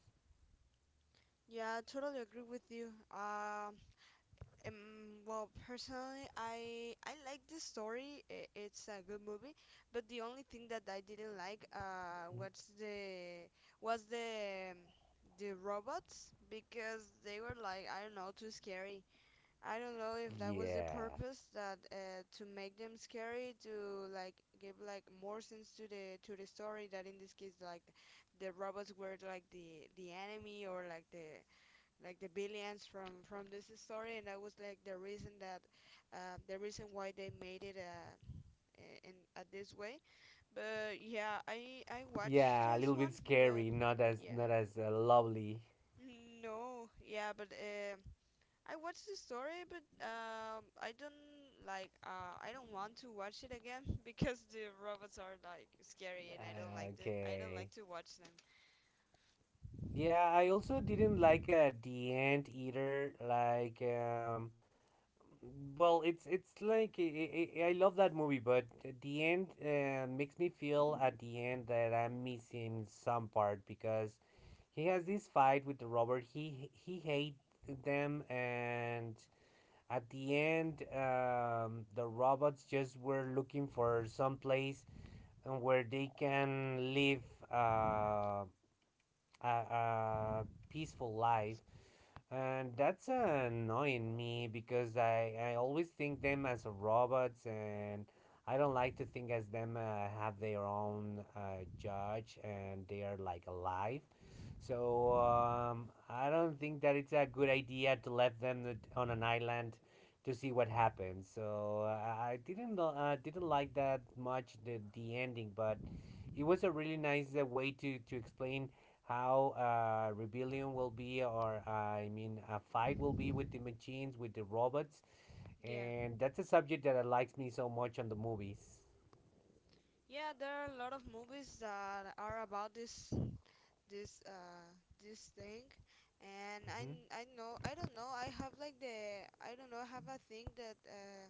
A: Yeah, I totally agree with you. Well, personally, I like the story. I- It's a good movie, but the only thing that I didn't like
B: Mm.
A: was the the robots because they were like, I don't know, too scary. I don't know if that was the
B: Yeah.
A: purpose, that to make them scary to like give like more sense to the story, that in this case like the robots were like the enemy or like the billions from this story, and that was like the reason that the reason why they made it in at this way. But yeah, I watched
B: Yeah, a
A: this
B: little
A: one,
B: bit
A: but
B: scary, not as
A: yeah,
B: lovely.
A: no, yeah, but I watched the story, but I don't like I don't want to watch it again [LAUGHS] because the robots are like scary, and I don't like them. I don't
B: Okay.
A: like to watch them.
B: Yeah, I also didn't like the end either. Like, well, it's like I love that movie, but the end makes me feel at the end that I'm missing some part because he has this fight with the Robert. He hates them, and at the end the robots just were looking for some place. And where they can live uh, a peaceful life. And that's annoying me because I always think them as robots, and I don't like to think as them have their own judge and they are like alive. So I don't think that it's a good idea to let them on an island to see what happens. So I didn't like that much the ending, but it was a really nice way to explain how rebellion will be, or I mean, a fight will be with the machines, with the robots,
A: Yeah.
B: and that's a subject that I likes me so much on the movies.
A: Yeah, there are a lot of movies that are about this this uh thing, and I
B: Hmm.
A: n- I know, I don't know, I have like the, I don't know, I have a thing that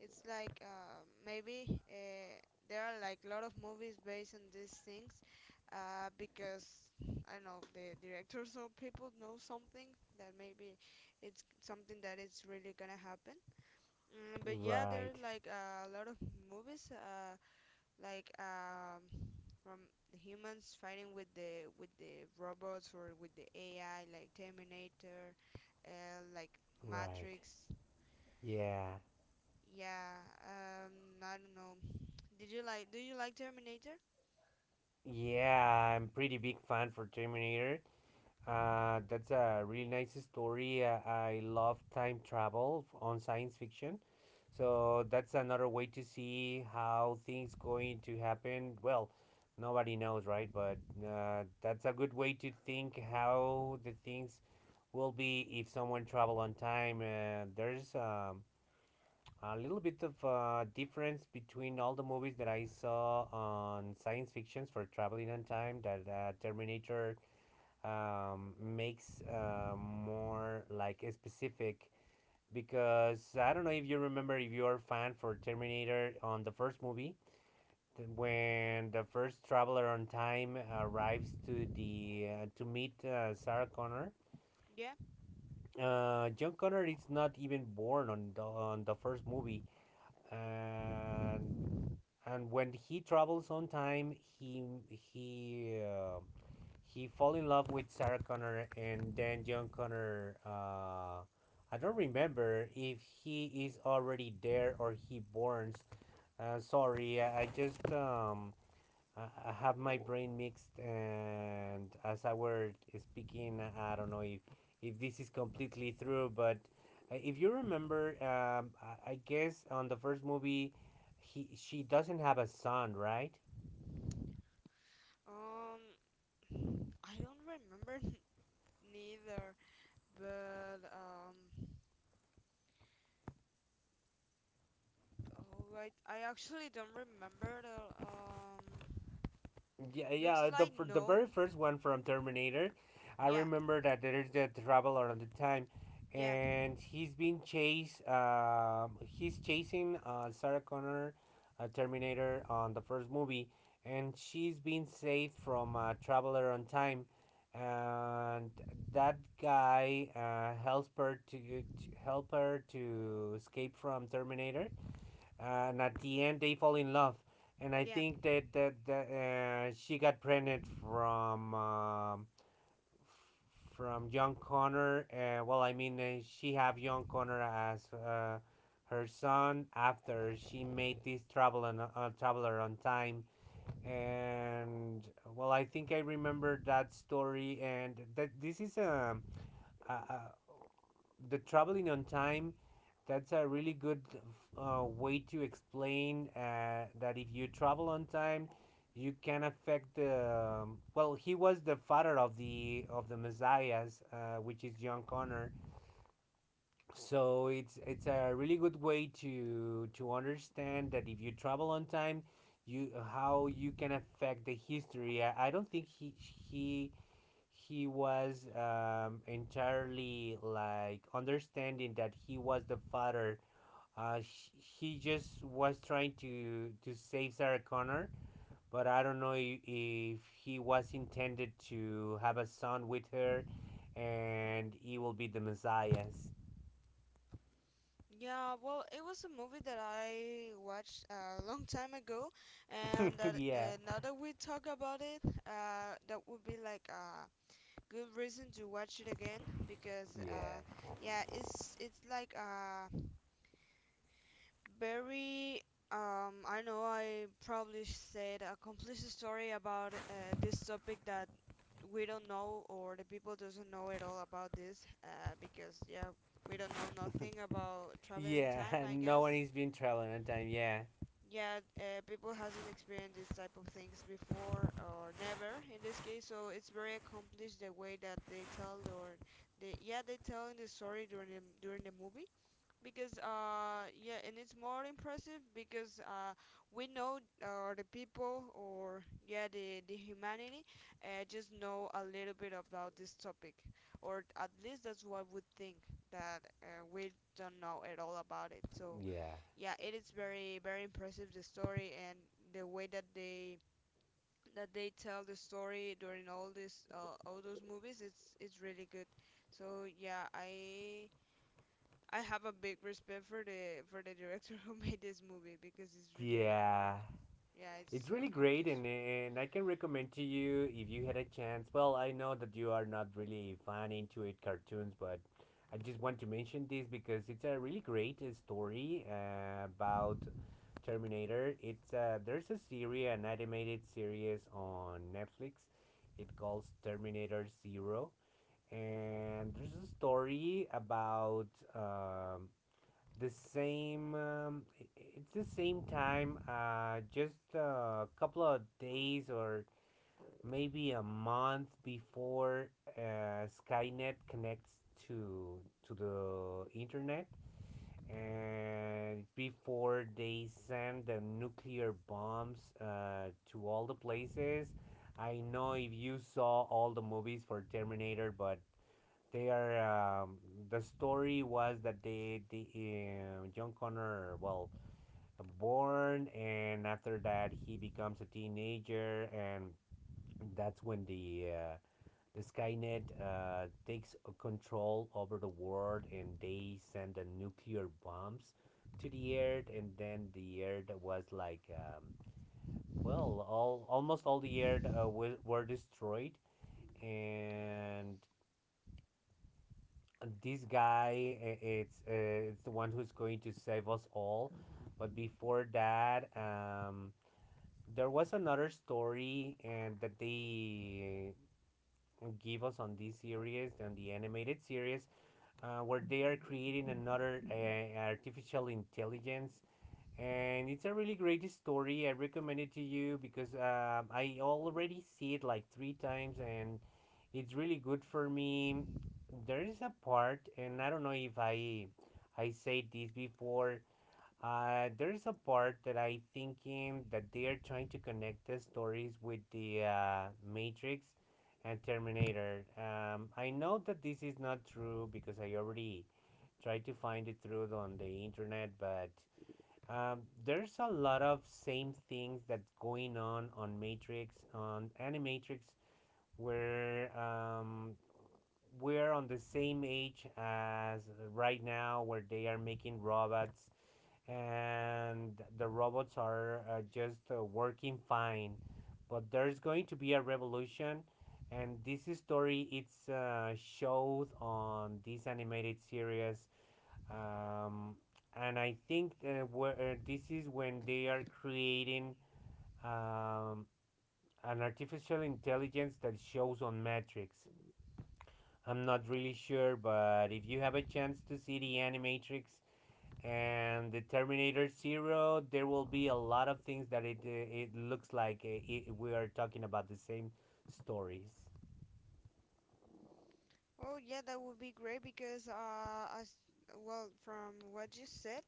A: it's like maybe uh, there are like a lot of movies based on these things because I don't know, the directors or people know something that maybe it's something that is really gonna happen. Mm, but yeah, there
B: Right,
A: are like a lot of movies, like um, from the humans fighting with the robots or with the AI, like Terminator, like
B: right,
A: Matrix.
B: yeah,
A: Yeah, um, I don't know. Did you like? Do you like Terminator?
B: yeah. I'm pretty big fan for Terminator. That's a really nice story. I love time travel on science fiction. So that's another way to see how things going to happen. Well, nobody knows, right? But that's a good way to think how the things will be if someone travel on time. There's a little bit of difference between all the movies that I saw on science fictions for traveling on time. That Terminator makes more like specific, because I don't know if you remember, if you're a fan for Terminator. On the first movie, when the first traveler on time arrives to the to meet Sarah Connor.
A: Yeah.
B: John Connor is not even born on the first movie, and when he travels on time, he fall in love with Sarah Connor and then John Connor. I don't remember if he is already there or he borns. Sorry, I just I have my brain mixed, and as I were speaking, I don't know if this is completely true, but if you remember, I guess on the first movie, he she doesn't have a son, right?
A: Um, I don't remember [LAUGHS] neither, but oh, I actually don't remember the.
B: Yeah,
A: Looks
B: yeah. The
A: like
B: for the very
A: no.
B: first one from Terminator, I
A: Yeah,
B: remember that there's the traveler at the time,
A: yeah,
B: and he's being chased. He's chasing Sarah Connor, Terminator on the first movie, and she's being saved from a traveler on time, and that guy helps her to help her to escape from Terminator. And at the end they fall in love, and I
A: yeah.
B: think that she got pregnant from John Connor. Well, I mean, she have John Connor as her son after she made this travel on traveler on time. And well, I think I remember that story. And that this is a the traveling on time, that's a really good way to explain that if you travel on time you can affect the well, he was the father of the messiahs which is John Connor. So it's a really good way to understand that if you travel on time you how you can affect the history. I don't think he he was entirely like understanding that he was the father. He just was trying to save Sarah Connor, but I don't know if he was intended to have a son with her, and he will be the Messiah.
A: Yeah, well, it was a movie that I watched a long time ago, and
B: [LAUGHS]
A: that
B: Yeah.
A: now that we talk about it, that would be like a good reason to watch it again because,
B: Yeah.
A: yeah, it's like a very I know I probably said a complete story about this topic that we don't know or the people doesn't know at all about this because yeah, we don't know nothing about traveling time,
B: Yeah. [LAUGHS]
A: I
B: No one
A: guess.
B: is being traveling on time. Yeah,
A: Yeah, people hasn't experienced this type of things before or never in this case, so it's very accomplished the way that they tell or they, yeah, they telling the story during the movie, because yeah, and it's more impressive because we know or the people, or yeah, the humanity, just know a little bit about this topic, or at least that's what we think, that we don't know at all about it. So
B: yeah.
A: yeah, it is very very impressive, the story and the way that they tell the story during all this, all those movies. It's really good. So yeah, I have a big respect for the director [LAUGHS] who made this movie, because it's really like
B: Yeah.
A: yeah,
B: It's
A: it's
B: really great,
A: accomplished.
B: and I can recommend to you if you had a chance. Well, I know that you are not really fan into it cartoons, but I just want to mention this because it's a really great story about Terminator. It's There's a series, an animated series on Netflix. It calls Terminator Zero, and there's a story about um, the same it's the same time just a couple of days or maybe a month before Skynet connects to to the internet, and before they send the nuclear bombs to all the places. I know if you saw all the movies for Terminator, but they are. The story was that they, the John Connor, well, born, and after that he becomes a teenager, and that's when the Skynet takes control over the world, and they send the nuclear bombs to the Earth, and then the Earth was like, well, all almost all the Earth were destroyed, and this guy it's the one who's going to save us all. But before that there was another story, and that they give us on this series, on the animated series, where they are creating another artificial intelligence. And it's a really great story. I recommend it to you because I already see it like three times, and it's really good for me. There is a part, and I don't know if I I said this before. There is a part that I thinking that they are trying to connect the stories with the Matrix and Terminator. I know that this is not true because I already tried to find it through on the internet, but there's a lot of same things that's going on Matrix, on Animatrix, where we're on the same age as right now, where they are making robots, and the robots are just working fine. But there's going to be a revolution, and this story it's showed on this animated series, um, and I think where, this is when they are creating um, an artificial intelligence that shows on Matrix. I'm not really sure, but if you have a chance to see the Animatrix and the Terminator Zero, there will be a lot of things that it looks like we are talking about the same stories.
A: Oh yeah, that would be great because as well from what you said,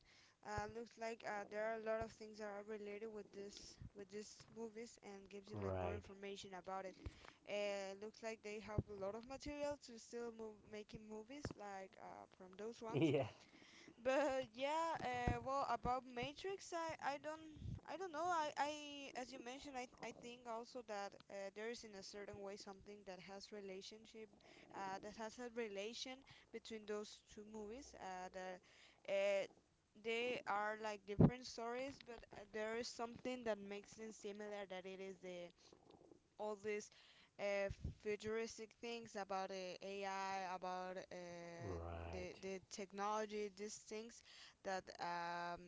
A: looks like there are a lot of things that are related with this with these movies and gives you like more
B: Right. [LAUGHS]
A: information about it. Looks like they have a lot of material to still move making movies like from those ones.
B: Yeah.
A: But yeah, well, about Matrix, I don't, I don't know. I As you mentioned, I, th- I think also that there is in a certain way something that has relationship, that has a relation between those two movies. That uh, they are like different stories, but there is something that makes them similar. That it is the all these uh, futuristic things about, AI, about uh, the
B: Right.
A: the technology, these things that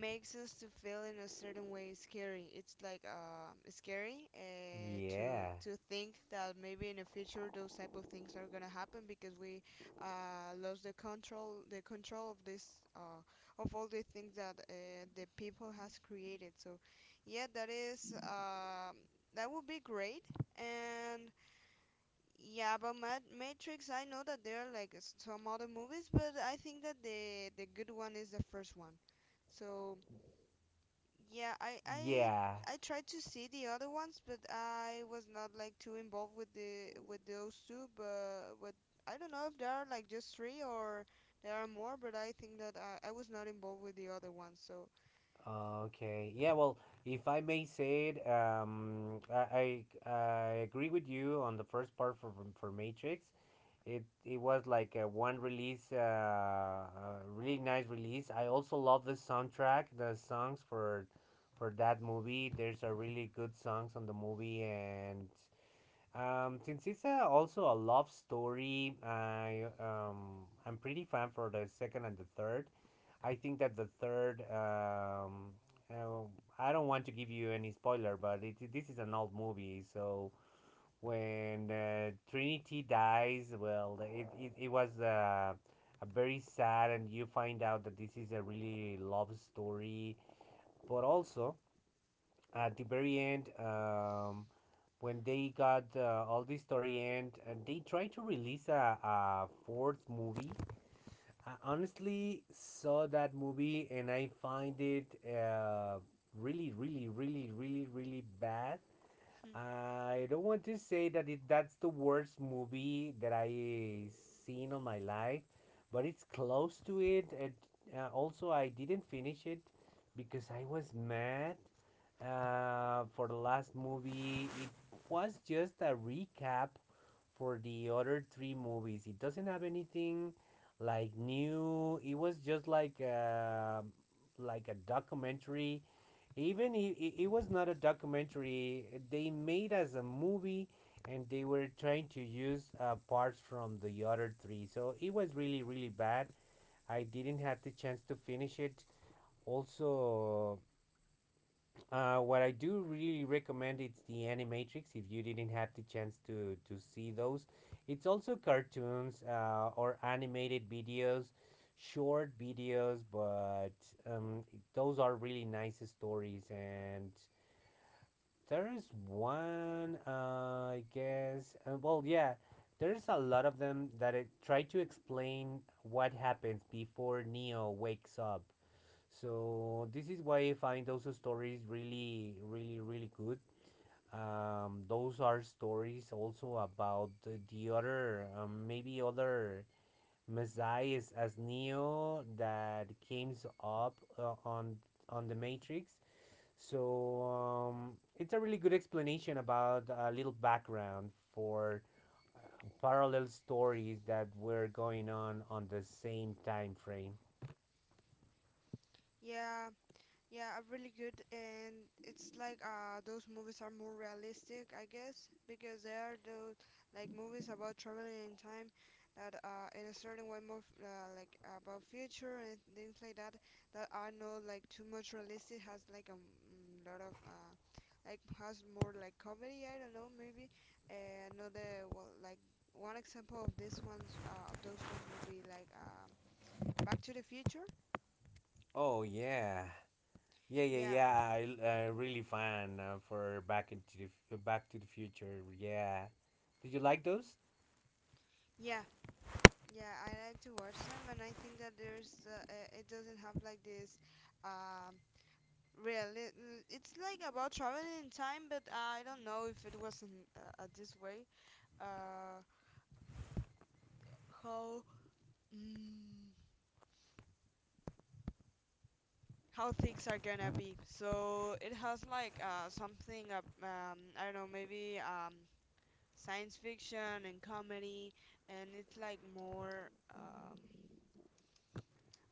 A: makes us to feel in a certain way scary. It's like scary
B: Yeah.
A: to think that maybe in the future those type of things are gonna happen, because we lost the control, of this of all the things that the people has created. So yeah, that is. That would be great. And yeah, about Matrix, I know that there are like some other movies, but I think that the good one is the first one. So yeah, I I
B: Yeah.
A: I tried to see the other ones, but I was not like too involved with the with those two. But I don't know if there are like just three or there are more. But I think that I was not involved with the other ones. So
B: Okay. Yeah, well, if I may say it, I agree with you on the first part for for Matrix. It was like a one release, a really nice release. I also love the soundtrack, the songs for that movie. There's a really good songs on the movie, and since it's a, also a love story, I'm pretty fan for the second and the third. I think that the third, uh, I don't want to give you any spoiler, but it, this is an old movie, so when Trinity dies, well, it was a very sad, and you find out that this is a really love story, but also at the very end, when they got all the story end, and they tried to release a fourth movie. I honestly saw that movie, and I find it really really really really really bad.
A: hmm,
B: I don't want to say that's the worst movie that I seen on my life, but it's close to it. And also, I didn't finish it because I was mad. For the last movie, it was just a recap for the other three movies. It doesn't have anything like new. It was just like like a documentary. It was not a documentary, they made as a movie, and they were trying to use parts from the other three, so it was really really bad. I didn't have the chance to finish it also. What I do really recommend it's the Animatrix, if you didn't have the chance to see those. It's also cartoons, or animated videos, short videos. But um, those are really nice stories. And there is one, I guess. Yeah, there's a lot of them that it try to explain what happens before Neo wakes up. So this is why I find those stories really, really, really good. Those are stories also about the other, maybe other messiahs as Neo that came up on the Matrix. So it's a really good explanation about a little background for uh, parallel stories that were going on the same time frame.
A: yeah, yeah, are really good, and it's like those movies are more realistic, I guess, because they are those like movies about traveling in time that in a certain way more f- like about future and things like that that are not like too much realistic. Has like a m- lot of like has more like comedy. I don't know, maybe. And another well, like one example of this ones of those ones would be like Back to the Future.
B: Oh yeah, yeah, yeah,
A: Yeah,
B: yeah. I really fan for Back to the Future. Yeah, did you like those?
A: yeah. Yeah, I like to watch them, and I think that there's it doesn't have like this um real. It's like about traveling in time, but I don't know if it wasn't this way. Uh, how mm, how things are gonna be. So it has like something up. I don't know, maybe science fiction and comedy, and it's like more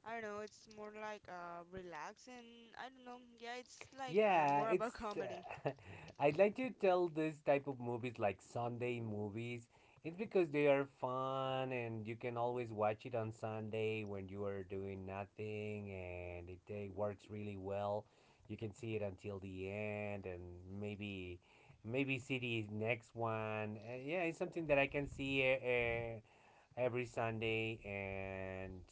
A: I don't know, it's more like relax, and I don't know, yeah, it's like
B: Yeah,
A: more about [LAUGHS]
B: it's.
A: comedy.
B: [LAUGHS] I'd like to tell this type of movies like Sunday movies. It's because they are fun and you can always watch it on Sunday when you are doing nothing, and it, works really well. You can see it until the end and maybe see the next one. Yeah, it's something that I can see every Sunday. And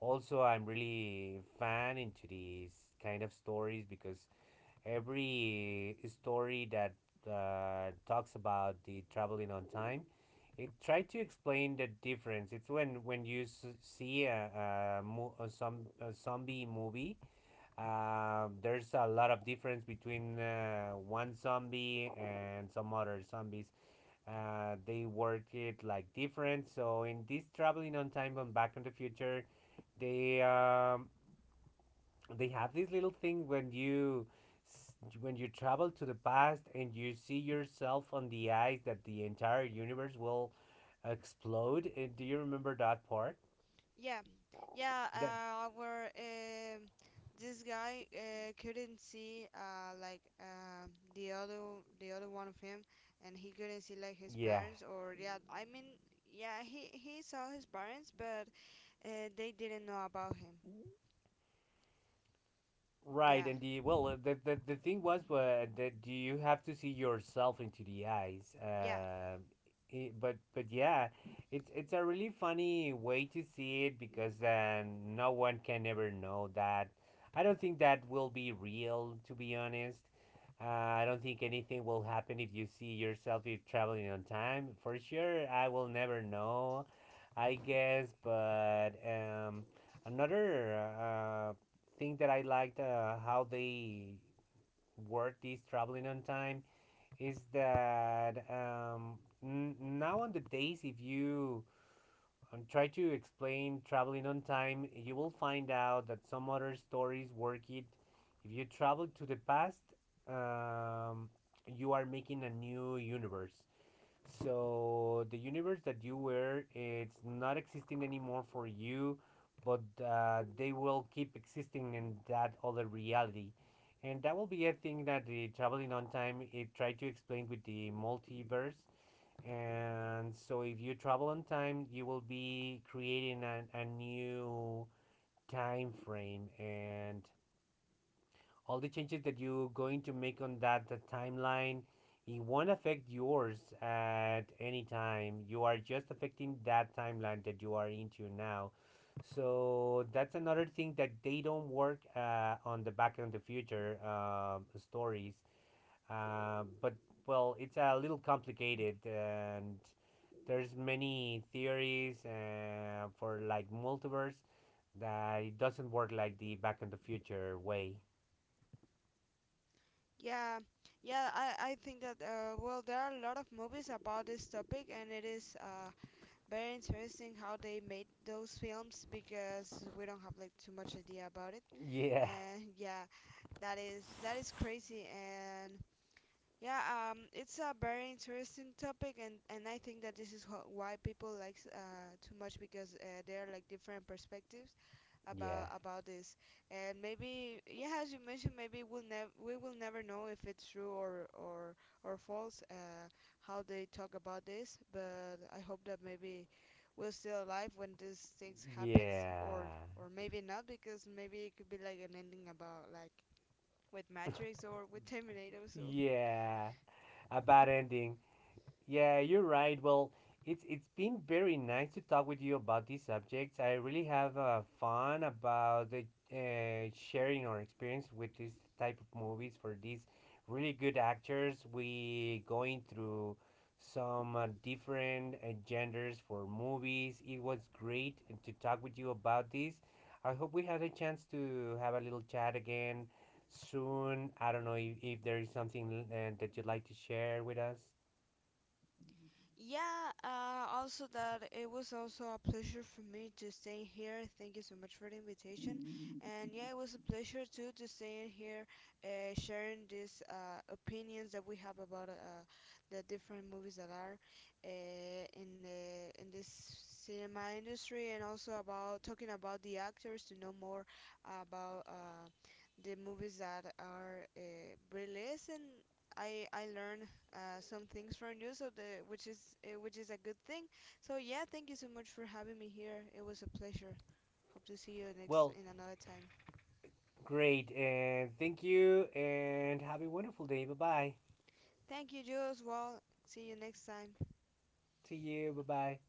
B: also I'm really fan into these kind of stories, because every story that talks about the traveling on time, it tried to explain the difference. It's when you see a zombie movie, there's a lot of difference between one zombie and some other zombies. They work it like different. So in this traveling on time on Back in the Future, they um, they have this little thing when you s- when you travel to the past and you see yourself on the ice, that the entire universe will explode. Do you remember that part?
A: Yeah, yeah,
B: That
A: where this guy couldn't see the other one of him, and he couldn't see like his
B: Yeah.
A: parents, or yeah, I mean, yeah, he saw his parents, but they didn't know about him.
B: Right,
A: Yeah,
B: and the well, the the thing was that do you have to see yourself into the eyes?
A: yeah,
B: I But yeah, it's a really funny way to see it, because then no one can ever know that. I don't think that will be real, to be honest. Uh, I don't think anything will happen if you see yourself if traveling on time. For sure, I will never know, I guess. But another. Thing that I liked how they work this traveling on time is that now on the days, if you try to explain traveling on time, you will find out that some other stories work it. If you travel to the past, um, you are making a new universe. So the universe that you were, it's not existing anymore for you, but they will keep existing in that other reality. And that will be a thing that the traveling on time it tried to explain with the multiverse. And so if you travel on time, you will be creating a new time frame, and all the changes that you're going to make on that timeline, it won't affect yours. At any time you are just affecting that timeline that you are into now. So that's another thing that they don't work on the Back end of the Future stories. But well, it's a little complicated, and there's many theories for like multiverse that it doesn't work like the Back in the Future way.
A: yeah. Yeah, I think that well, there are a lot of movies about this topic, and it is very interesting how they made those films, because we don't have like too much idea about it,
B: Yeah,
A: and yeah, that is, that is crazy, and yeah, it's a very interesting topic, and I think that this is wh- why people like too much, because there are like different perspectives
B: yeah,
A: about this, and maybe yeah, as you mentioned, maybe we will never know if it's true or false, how they talk about this, but I hope that maybe we're still alive when these things happens,
B: yeah,
A: or maybe not, because maybe it could be like an ending about like with Matrix or with Terminator, so
B: yeah. A bad ending. Yeah, you're right. Well, it's been very nice to talk with you about these subjects. I really have fun about sharing our experience with this type of movies, for these really good actors. We going through some different genders for movies. It was great to talk with you about this. I hope we had a chance to have a little chat again soon. I don't know if there is something that you'd like to share with us.
A: yeah, also that it was also a pleasure for me to stay here. Thank you so much for the invitation. And yeah, it was a pleasure too to stay in here, sharing these opinions that we have about the different movies that are in the in this cinema industry, and also about talking about the actors to know more about the movies that are released. And I learned some things from you, so the which is a good thing. So yeah, thank you so much for having me here. It was a pleasure. Hope to see you next
B: Well,
A: in another time.
B: great, and thank you, and have a wonderful day. Bye bye.
A: Thank you, Jules. Well. See you next time.
B: See you. Bye bye.